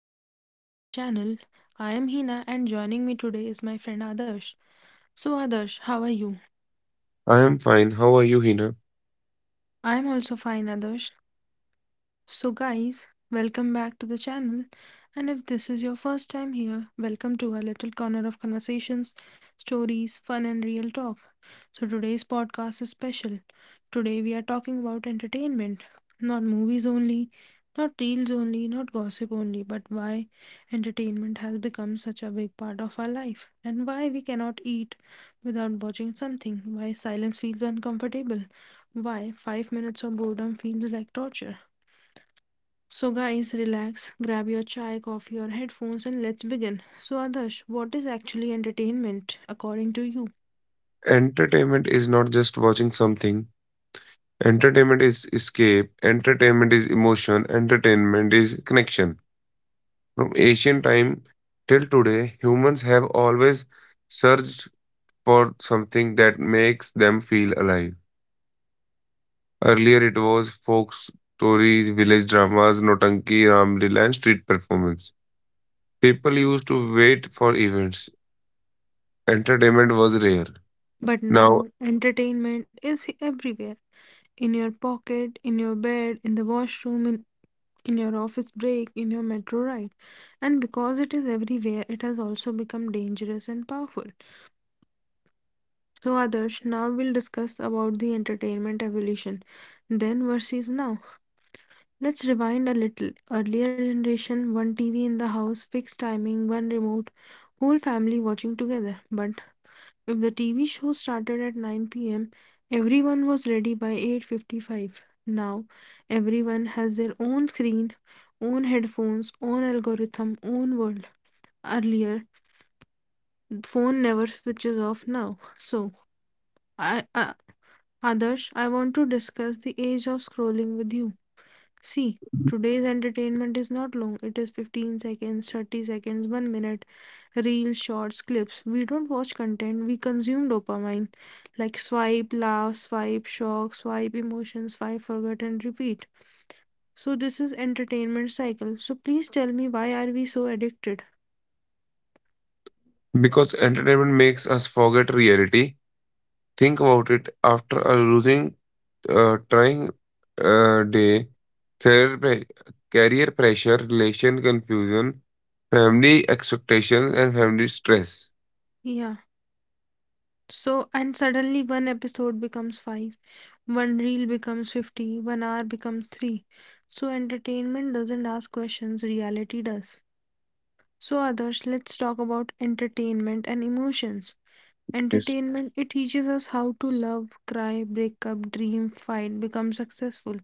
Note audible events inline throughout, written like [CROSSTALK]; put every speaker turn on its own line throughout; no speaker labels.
and welcome back to this channel. I am Hina and joining me today is my friend Adarsh. So Adarsh, how are you?
I am fine. How are you, Hina?
I am also fine Adarsh. So, guys, welcome back to the channel. And if this is your first time here, welcome to our little corner of conversations, stories, fun, and real talk. So, today's podcast is special. Today, we are talking about entertainment, not movies only, not reels only, not gossip only, but why entertainment has become such a big part of our life, and why we cannot eat without watching something, why silence feels uncomfortable, why 5 minutes of boredom feels like torture. So, guys, relax, grab your chai, coffee, or headphones, and let's begin. So, Adarsh, what is actually entertainment according to you?
Entertainment is not just watching something. Entertainment is escape. Entertainment is emotion. Entertainment is connection. From ancient time till today, humans have always searched for something that makes them feel alive. Earlier, it was folk stories, village dramas, Notanki, Ramlila, and street performance. People used to wait for events. Entertainment was rare.
But
Now.
now, entertainment is everywhere, in your pocket, in your bed, in the washroom, in your office break, in your metro ride. And because it is everywhere, it has also become dangerous and powerful. So, Adarsh, now we'll discuss about the entertainment evolution, then versus now. Let's rewind a little. Earlier generation, one TV in the house, fixed timing, one remote, whole family watching together. But if the TV show started at 9 p.m., everyone was ready by 8:55. Now, everyone has their own screen, own headphones, own algorithm, own world. Earlier, the phone never switches off now. So, I, uh, Adarsh, I want to discuss the age of scrolling with you. See, today's entertainment is not long. It is 15 seconds, 30 seconds, 1 minute, reels, shorts, clips. We don't watch content, we consume dopamine. Like swipe, laugh, swipe, shock, swipe, emotion, swipe, forget, and repeat. So this is entertainment cycle. So please tell me why are we so addicted?
Because entertainment makes us forget reality. Think about it after a losing, trying day, career, career pressure, relation confusion, family expectations, and family stress.
Yeah. So and suddenly one episode becomes five, one reel becomes 50, 1 hour becomes three. So entertainment doesn't ask questions, reality does. So, others, let's talk about entertainment and emotions.
Yes.
Entertainment, it teaches us how to love, cry, break up, dream, fight, become successful.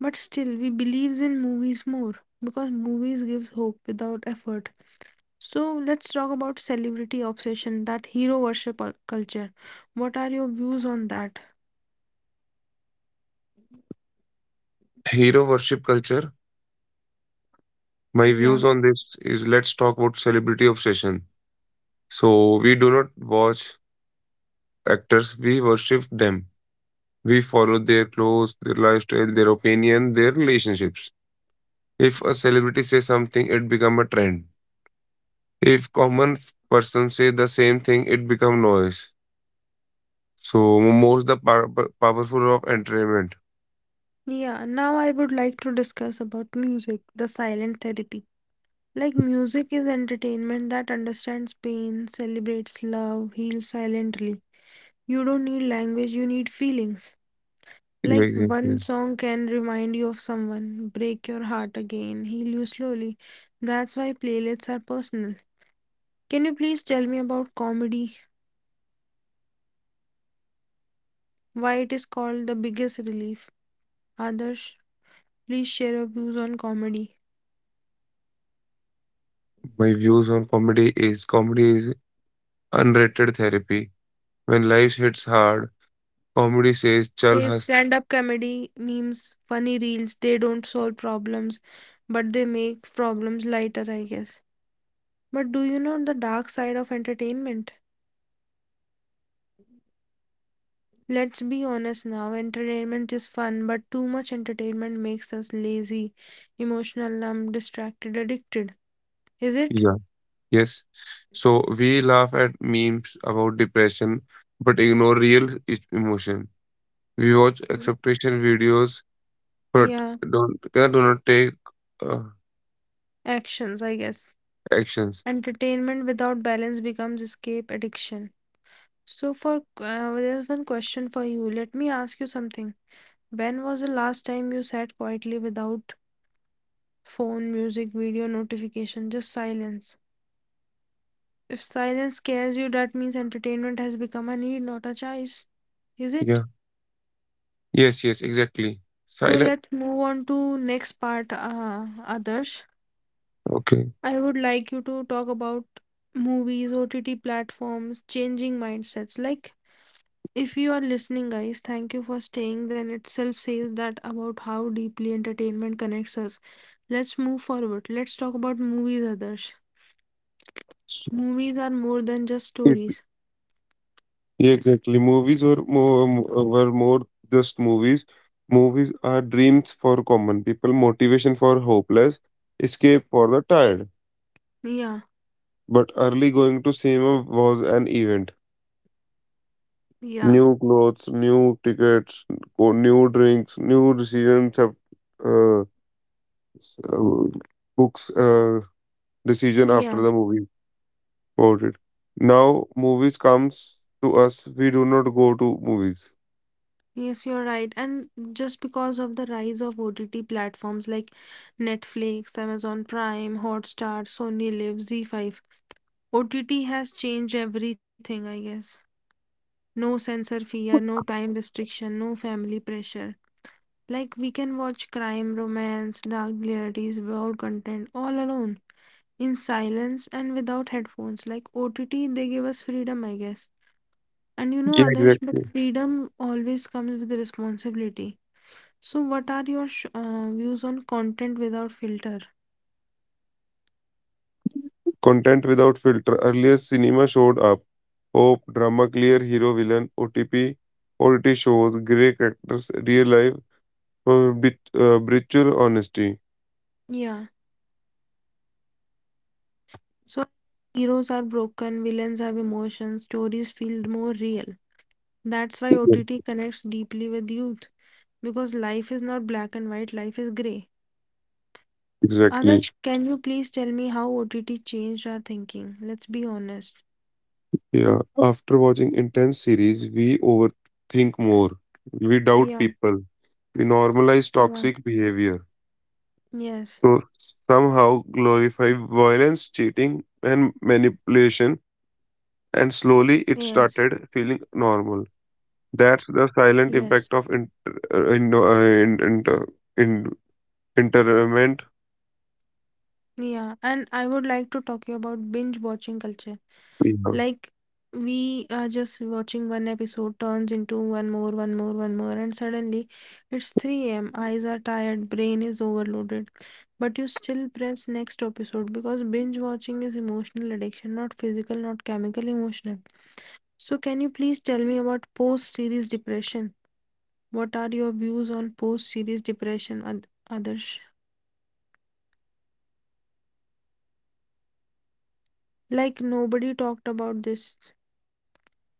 But still, we believes in movies more because movies gives hope without effort. So, let's talk about celebrity obsession, that hero worship culture. What are your views on that?
Hero worship culture. My
Yeah.
views on this is let's talk about celebrity obsession. So, we do not watch actors, we worship them. We follow their clothes, their lifestyle, their opinion, their relationships. If a celebrity say something, it become a trend. If common person say the same thing, it become noise. So most the power, powerful of entertainment.
Yeah, now I would like to discuss about music, the silent therapy. Like music is entertainment that understands pain, celebrates love, heals silently. You don't need language, you need feelings. Like one
Exactly.
song can remind you of someone, break your heart again, heal you slowly. That's why playlists are personal. Can you please tell me about comedy? Why it is called the biggest relief? Adarsh, please share your views on comedy.
My views on comedy is unrated therapy. When life hits hard, comedy says chal has
Stand up comedy memes, funny reels, they don't solve problems, but they make problems lighter, I guess. But do you know the dark side of entertainment? Let's be honest now, entertainment is fun, but too much entertainment makes us lazy, emotional, numb, distracted, addicted. Is it?
yeah. Yes. So we laugh at memes about depression, but ignore real emotion. We watch
Mm.
acceptation videos, but
Yeah,
don't do not take uh,
actions, I guess.
actions.
Entertainment without balance becomes escape addiction. So, for there's one question for you. Let me ask you something. When was the last time you sat quietly without phone, music, video, notification, just silence? If silence scares you, that means entertainment has become a need, not a choice. Is it?
Yeah. Yes, yes, exactly.
So
Silent.
let's move on to next part, Adarsh.
Okay.
I would like you to talk about movies, OTT platforms, changing mindsets. Like, if you are listening, guys, thank you for staying. Then itself says that about how deeply entertainment connects us. Let's move forward. Let's talk about movies, Adarsh.
So
Movies are more than just
it,
stories.
yeah, exactly. Movies were more just movies. Movies are dreams for common people, motivation for hopeless, escape for the tired.
Yeah,
But early going to cinema was an event.
yeah,
New clothes, new tickets, or new drinks, new decisions of uh, s- uh, books decision after
yeah.
the movie. About it. Now movies comes to us. We do not go to movies.
Yes, you're right. And just because of the rise of OTT platforms like Netflix, Amazon Prime, Hotstar, Sony Live, Z5, OTT has changed everything, I guess. No censor fear, no time restriction, no family pressure. Like we can watch crime, romance, dark realities, world content all alone in silence and without headphones. Like OTT, they give us freedom, I guess. And you know,
Yeah,
others, but
exactly.
freedom always comes with responsibility. So, what are your views on content without filter?
Content without filter. Earlier cinema showed up. Hope, drama, clear, hero, villain, OTP, OTT shows, grey characters, real life, brutal honesty.
Yeah. So, heroes are broken, villains have emotions, stories feel more real. That's why
Yeah.
OTT connects deeply with youth because life is not black and white, life is gray.
Exactly.
Others, can you please tell me how OTT changed our thinking? Let's be honest.
Yeah. After watching intense series, we overthink more. We doubt
Yeah,
people. We normalize
yeah.
toxic behavior,
Yes,
to somehow glorify violence, cheating, and manipulation, and
yes,
slowly it started feeling normal. That's the
yes.
silent impact of in, interment.
Yeah, and I would like to talk you about binge watching culture.
Yeah.
Like we are just watching one episode turns into one more, one more, one more, and suddenly it's 3 a.m. Eyes are tired, brain is overloaded, but you still press next episode because binge watching is emotional addiction, not physical, not chemical, emotional. So, can you please tell me about post series depression? What are your views on post series depression, Adarsh? Like, nobody talked about this.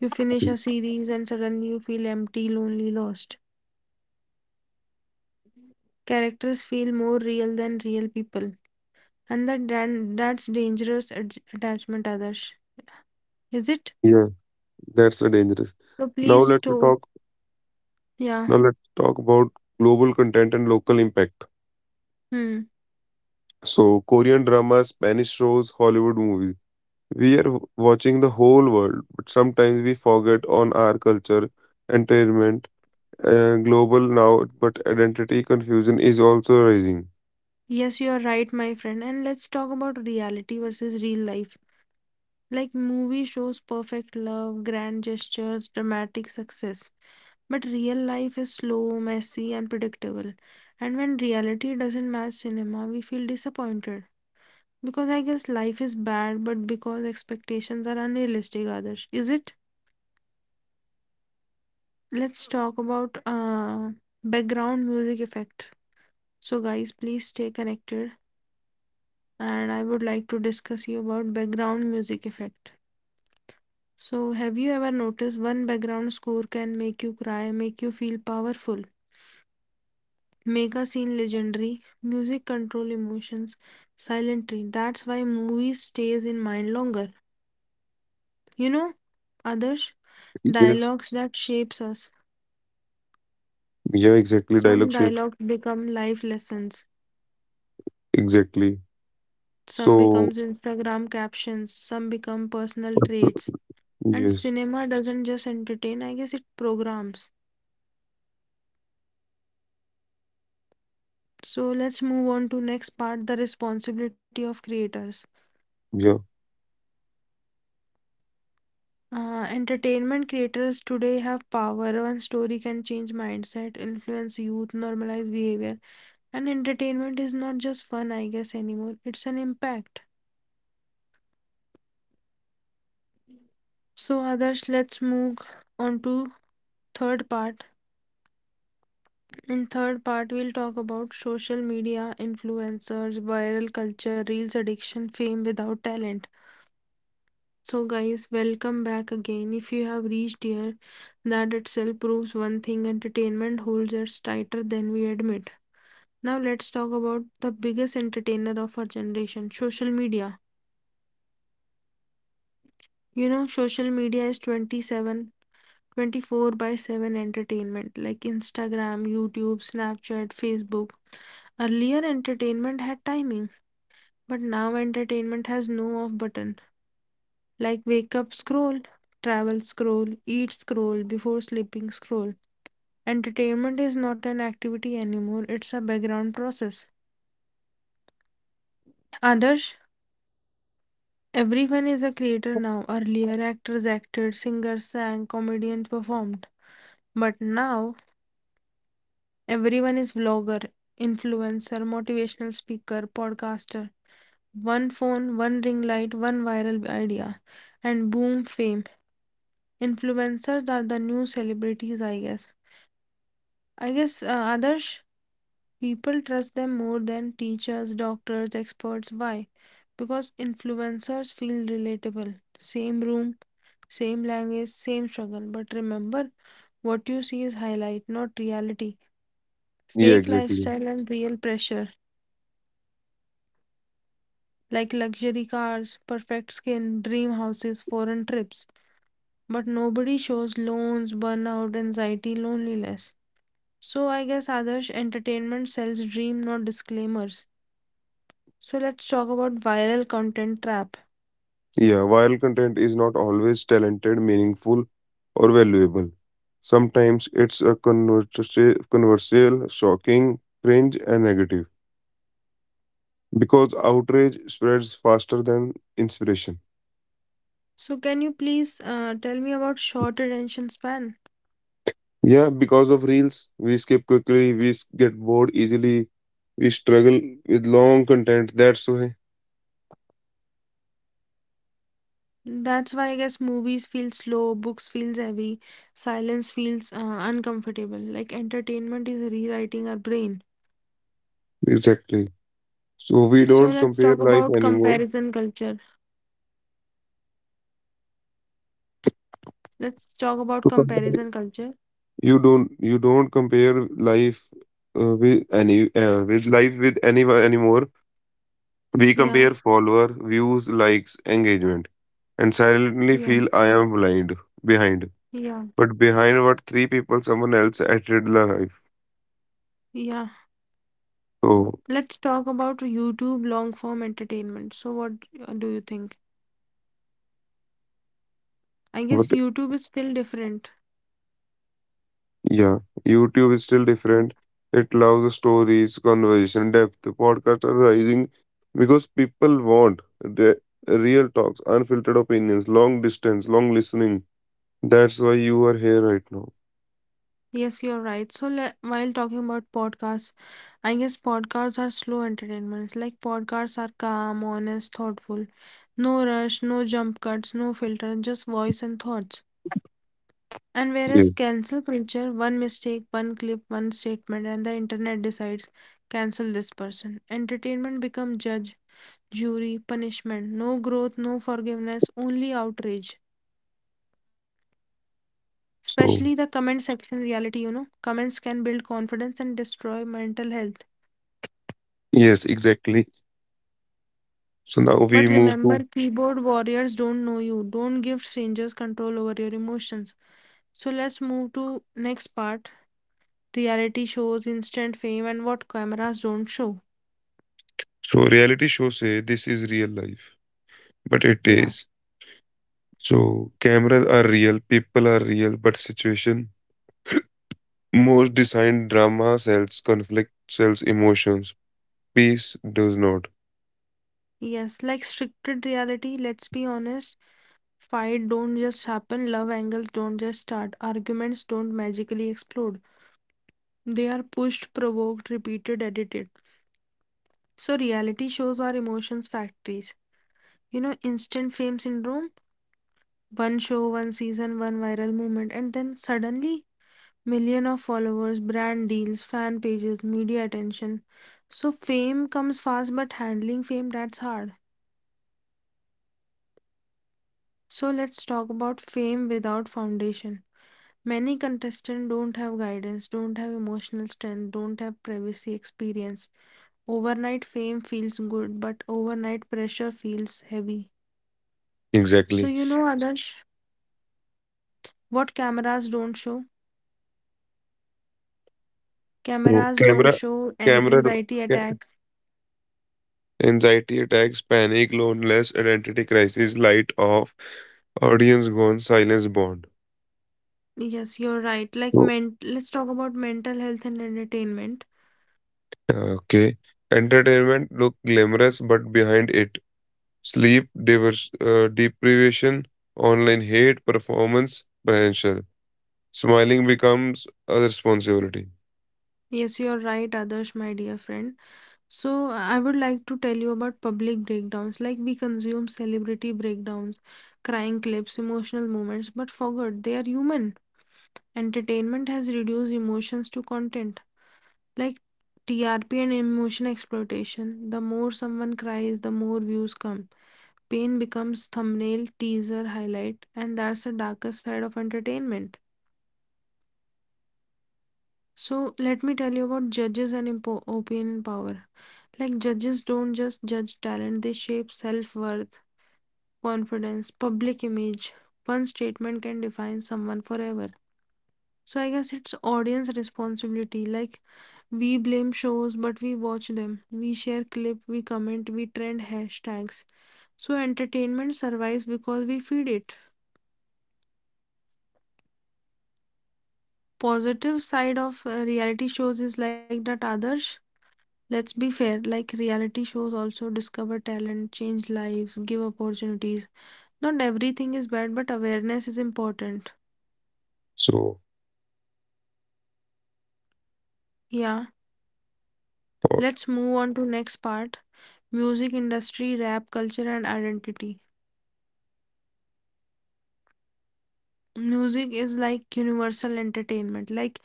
You finish a series and suddenly you feel empty, lonely, lost. Characters feel more real than real people, and that's dangerous attachment. Others, is it?
Yeah, that's the dangerous.
So
Now
please,
let's
to
talk.
Yeah,
Now let's talk about global content and local impact.
hmm,
So Korean dramas, Spanish shows, Hollywood movies. We are watching the whole world, but sometimes we forget on our culture, entertainment global now, but identity confusion is also rising.
yes, you are right, my friend. And let's talk about reality versus real life. Like movie shows perfect love, grand gestures, dramatic success. But real life is slow, messy, and predictable. And when reality doesn't match cinema, we feel disappointed. Because I guess life is bad, but because expectations are unrealistic, Adarsh. Is it? Let's talk about background music effect. So, guys, please stay connected. And I would like to discuss you about background music effect. So, have you ever noticed one background score can make you cry, make you feel powerful, make a scene legendary? Music control emotions silently. That's why movies stays in mind longer. You know, others,
Yes.
dialogues that shapes us.
Yeah, exactly.
Some
Dialogue shape.
dialogues become life lessons,
Exactly.
some
So,
becomes Instagram captions, some become personal traits. And
yes.
cinema doesn't just entertain, I guess it programs. So let's move on to next part, the responsibility of creators.
Yeah.
Entertainment creators today have power. One story can change mindset, influence youth, normalize behavior. And entertainment is not just fun, I guess, anymore. It's an impact. So others, let's move on to third part. In third part, we'll talk about social media, influencers, viral culture, reels addiction, fame without talent. So guys, welcome back again. If you have reached here, that itself proves one thing: entertainment holds us tighter than we admit. Now let's talk about the biggest entertainer of our generation, social media. You know, social media is 24/7 entertainment like Instagram, YouTube, Snapchat, Facebook. Earlier, entertainment had timing. But now entertainment has no off button. Like wake up, scroll, travel, scroll, eat, scroll, before sleeping, scroll. Entertainment is not an activity anymore, it's a background process. Others, everyone is a creator now. Earlier, actors acted, singers sang, comedians performed. But now, everyone is vlogger, influencer, motivational speaker, podcaster. One phone, one ring light, one viral idea, and boom, fame. Influencers are the new celebrities, I guess. I guess, Adarsh, people trust them more than teachers, doctors, experts. Why? Because influencers feel relatable. Same room, same language, same struggle. But remember, what you see is highlight, not reality.
Yeah,
Fake
exactly.
lifestyle and real pressure, like luxury cars, perfect skin, dream houses, foreign trips. But nobody shows loans, burnout, anxiety, loneliness. So I guess Adarsh, entertainment sells dream, not disclaimers. So let's talk about viral content trap.
Yeah, viral content is not always talented, meaningful, or valuable. Sometimes it's a controversial, shocking, cringe, and negative because outrage spreads faster than inspiration.
So can you please tell me about short attention span?
Yeah, because of reels, we skip quickly, we get bored easily. We struggle with long content. That's why.
That's why I guess movies feel slow, books feels heavy, silence feels uncomfortable. Like entertainment is rewriting our brain.
Exactly. So we
So
don't
let's
compare
talk
life
about
anymore.
comparison culture. Let's talk about
To compare-
comparison culture.
you don't compare life uh, with any with life with anyone anymore. We
Yeah,
compare follower, views, likes, engagement, and silently
yeah,
feel I am blind behind.
yeah,
But behind what three people someone else added life.
yeah.
So
Let's talk about YouTube long form entertainment. So, what do you think? I guess
what.
YouTube is still different.
Yeah, YouTube is still
Mm.
different. It loves stories, conversation, depth. Podcasts are rising because people want the real talks, unfiltered opinions, long distance, long listening. That's why you are here right now.
Yes, you're right. So, while talking about podcasts, I guess podcasts are slow entertainments. Like podcasts are calm, honest, thoughtful. No rush, no jump cuts, no filter, just voice and thoughts. And
Yeah.
whereas cancel culture, one mistake, one clip, one statement, and the internet decides cancel this person. Entertainment become judge, jury, punishment. No growth, no forgiveness, only outrage. Especially the
So
comment section reality, you know. Comments can build confidence and destroy mental health.
yes, exactly. So now we
But
move to.
remember, keyboard warriors don't know you. Don't give strangers control over your emotions. So let's move to next part. Reality shows, instant fame, and what cameras don't show.
So reality shows say this is real life, but it
Yeah.
is. So cameras are real, people are real, but situation most designed drama sells conflict, sells emotions. Peace does not.
Yes, like stricted reality, let's be honest. Fight don't just happen, love angles don't just start, arguments don't magically explode. They are pushed, provoked, repeated, edited. So, reality shows are emotions factories. You know, instant fame syndrome, one show, one season, one viral moment, and then suddenly million of followers, brand deals, fan pages, media attention. So, fame comes fast, but handling fame, that's hard. So, let's talk about fame without foundation. Many contestants don't have guidance, don't have emotional strength, don't have privacy experience. Overnight fame feels good, but overnight pressure feels heavy. So,
Exactly.
Adarsh, what cameras don't show? Cameras
So
don't show and
camera, do-
anxiety
ca-
attacks.
anxiety attacks, panic, loneliness, identity crisis, light off, audience gone, silence bond.
Yes, you're right. Like
So,
men, let's talk about mental health and entertainment.
yeah, okay. Entertainment look glamorous, but behind it, sleep deprivation, online hate, performance pressure. Smiling becomes a responsibility.
Yes, you're right, Adarsh, my dear friend. So I would like to tell you about public breakdowns. Like we consume celebrity breakdowns, crying clips, emotional moments, but forgot they are human. Entertainment has reduced emotions to content. Like TRP and emotion exploitation. The more someone cries, the more views come. Pain becomes thumbnail, teaser, highlight, and that's the darker side of entertainment. So, let me tell you about judges and opinion power. Like, judges don't just judge talent, they shape self worth, confidence, public image. One statement can define someone forever. So, I guess it's audience responsibility. Like, we blame shows, but we watch them. We share clip, we comment, we trend hashtags. So, entertainment survives because we feed it. Positive side of reality shows is like that others, let's be fair, like reality shows also discover talent, change lives, give opportunities. Not everything is bad, but awareness is important.
So,
Yeah,
uh,
let's move on to next part. Music industry, rap culture, and identity. Music is like universal entertainment. Like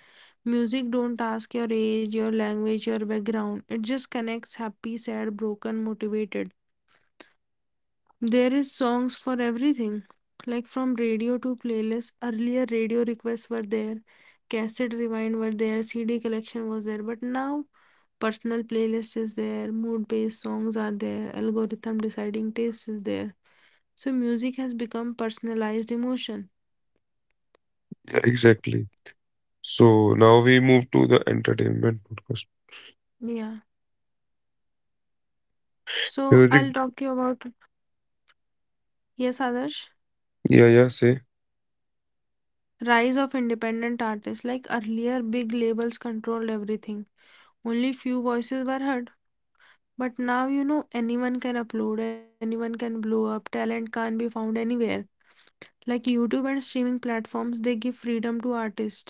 music don't ask your age, your language, your background, it just connects happy, sad, broken, motivated. There is songs for everything, like from radio to playlist. Earlier radio requests were there, cassette rewind were there, CD collection was there, but now personal playlist is there, mood based songs are there, algorithm deciding taste is there. So music has become personalized emotion.
yeah, exactly. So now we move to the entertainment podcast.
Yeah. So
Music.
I'll talk to you about yes, Adarsh.
Yeah, yeah, say.
Rise of independent artists. Like earlier, big labels controlled everything. Only few voices were heard. But now, anyone can upload, anyone can blow up, talent can't be found anywhere. Like YouTube and streaming platforms, they give freedom to artists.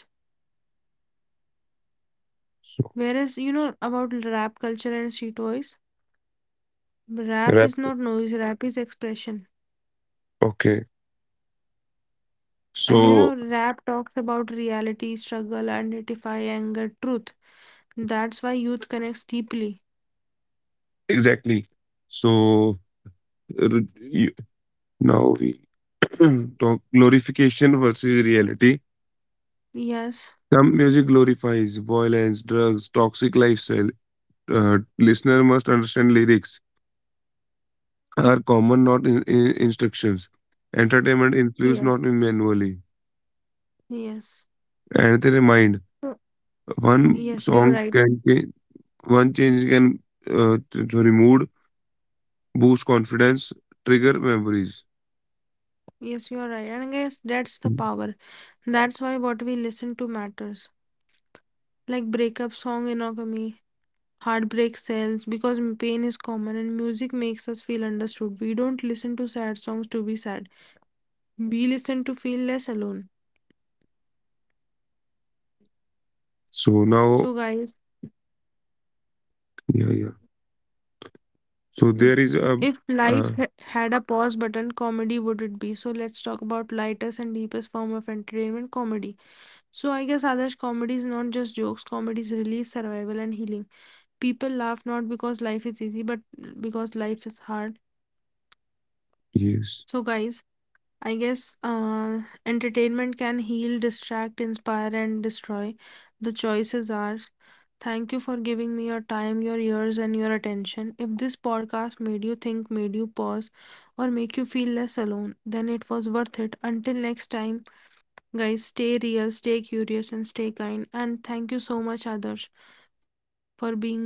So,
Whereas, about rap culture and street voice, rap
rap.
is not noise, rap is expression.
Okay.
And
So,
rap talks about reality, struggle, identify, anger, truth. That's why youth connects deeply.
exactly. So, r- you, now we [CLEARS THROAT] talk glorification versus reality.
Yes,
Some music glorifies violence, drugs, toxic lifestyle. Listener must understand lyrics are common, not in instructions. Entertainment influence, not
yes,
in manually.
yes.
And they remind
So-
one
yes,
song
you're right.
can change, one change can sorry, mood, boost confidence, trigger memories.
Yes, you're right. And I guess that's the
Hmm.
power. That's why what we listen to matters. Like breakup song monogamy, heartbreak sells because pain is common and music makes us feel understood. We don't listen to sad songs to be sad. We listen to feel less alone.
So now,
So guys,
yeah, yeah. So there
mm,
is
if
uh,
life had a pause button, comedy would it be? So let's talk about lightest and deepest form of entertainment, comedy. So I guess Adarsh, comedy is not just jokes, comedy is relief, survival and healing. People laugh not because life is easy, but because life is hard.
yes.
So guys, I guess entertainment can heal, distract, inspire, and destroy. The choice is ours. Thank you for giving me your time, your ears, and your attention. If this podcast made you think, made you pause, or make you feel less alone, then it was worth it. Until next time, guys, stay real, stay curious, and stay kind. And thank you so much, Adarsh, for being my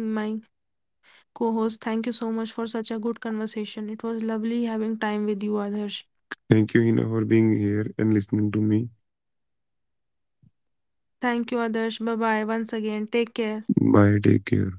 co host. Thank you so much for such a good conversation. It was lovely having time with you, Adarsh.
Thank you, Hina, for being here and listening to me.
Thank you, Adarsh. Bye bye once again. Take care.
Bye. Take care.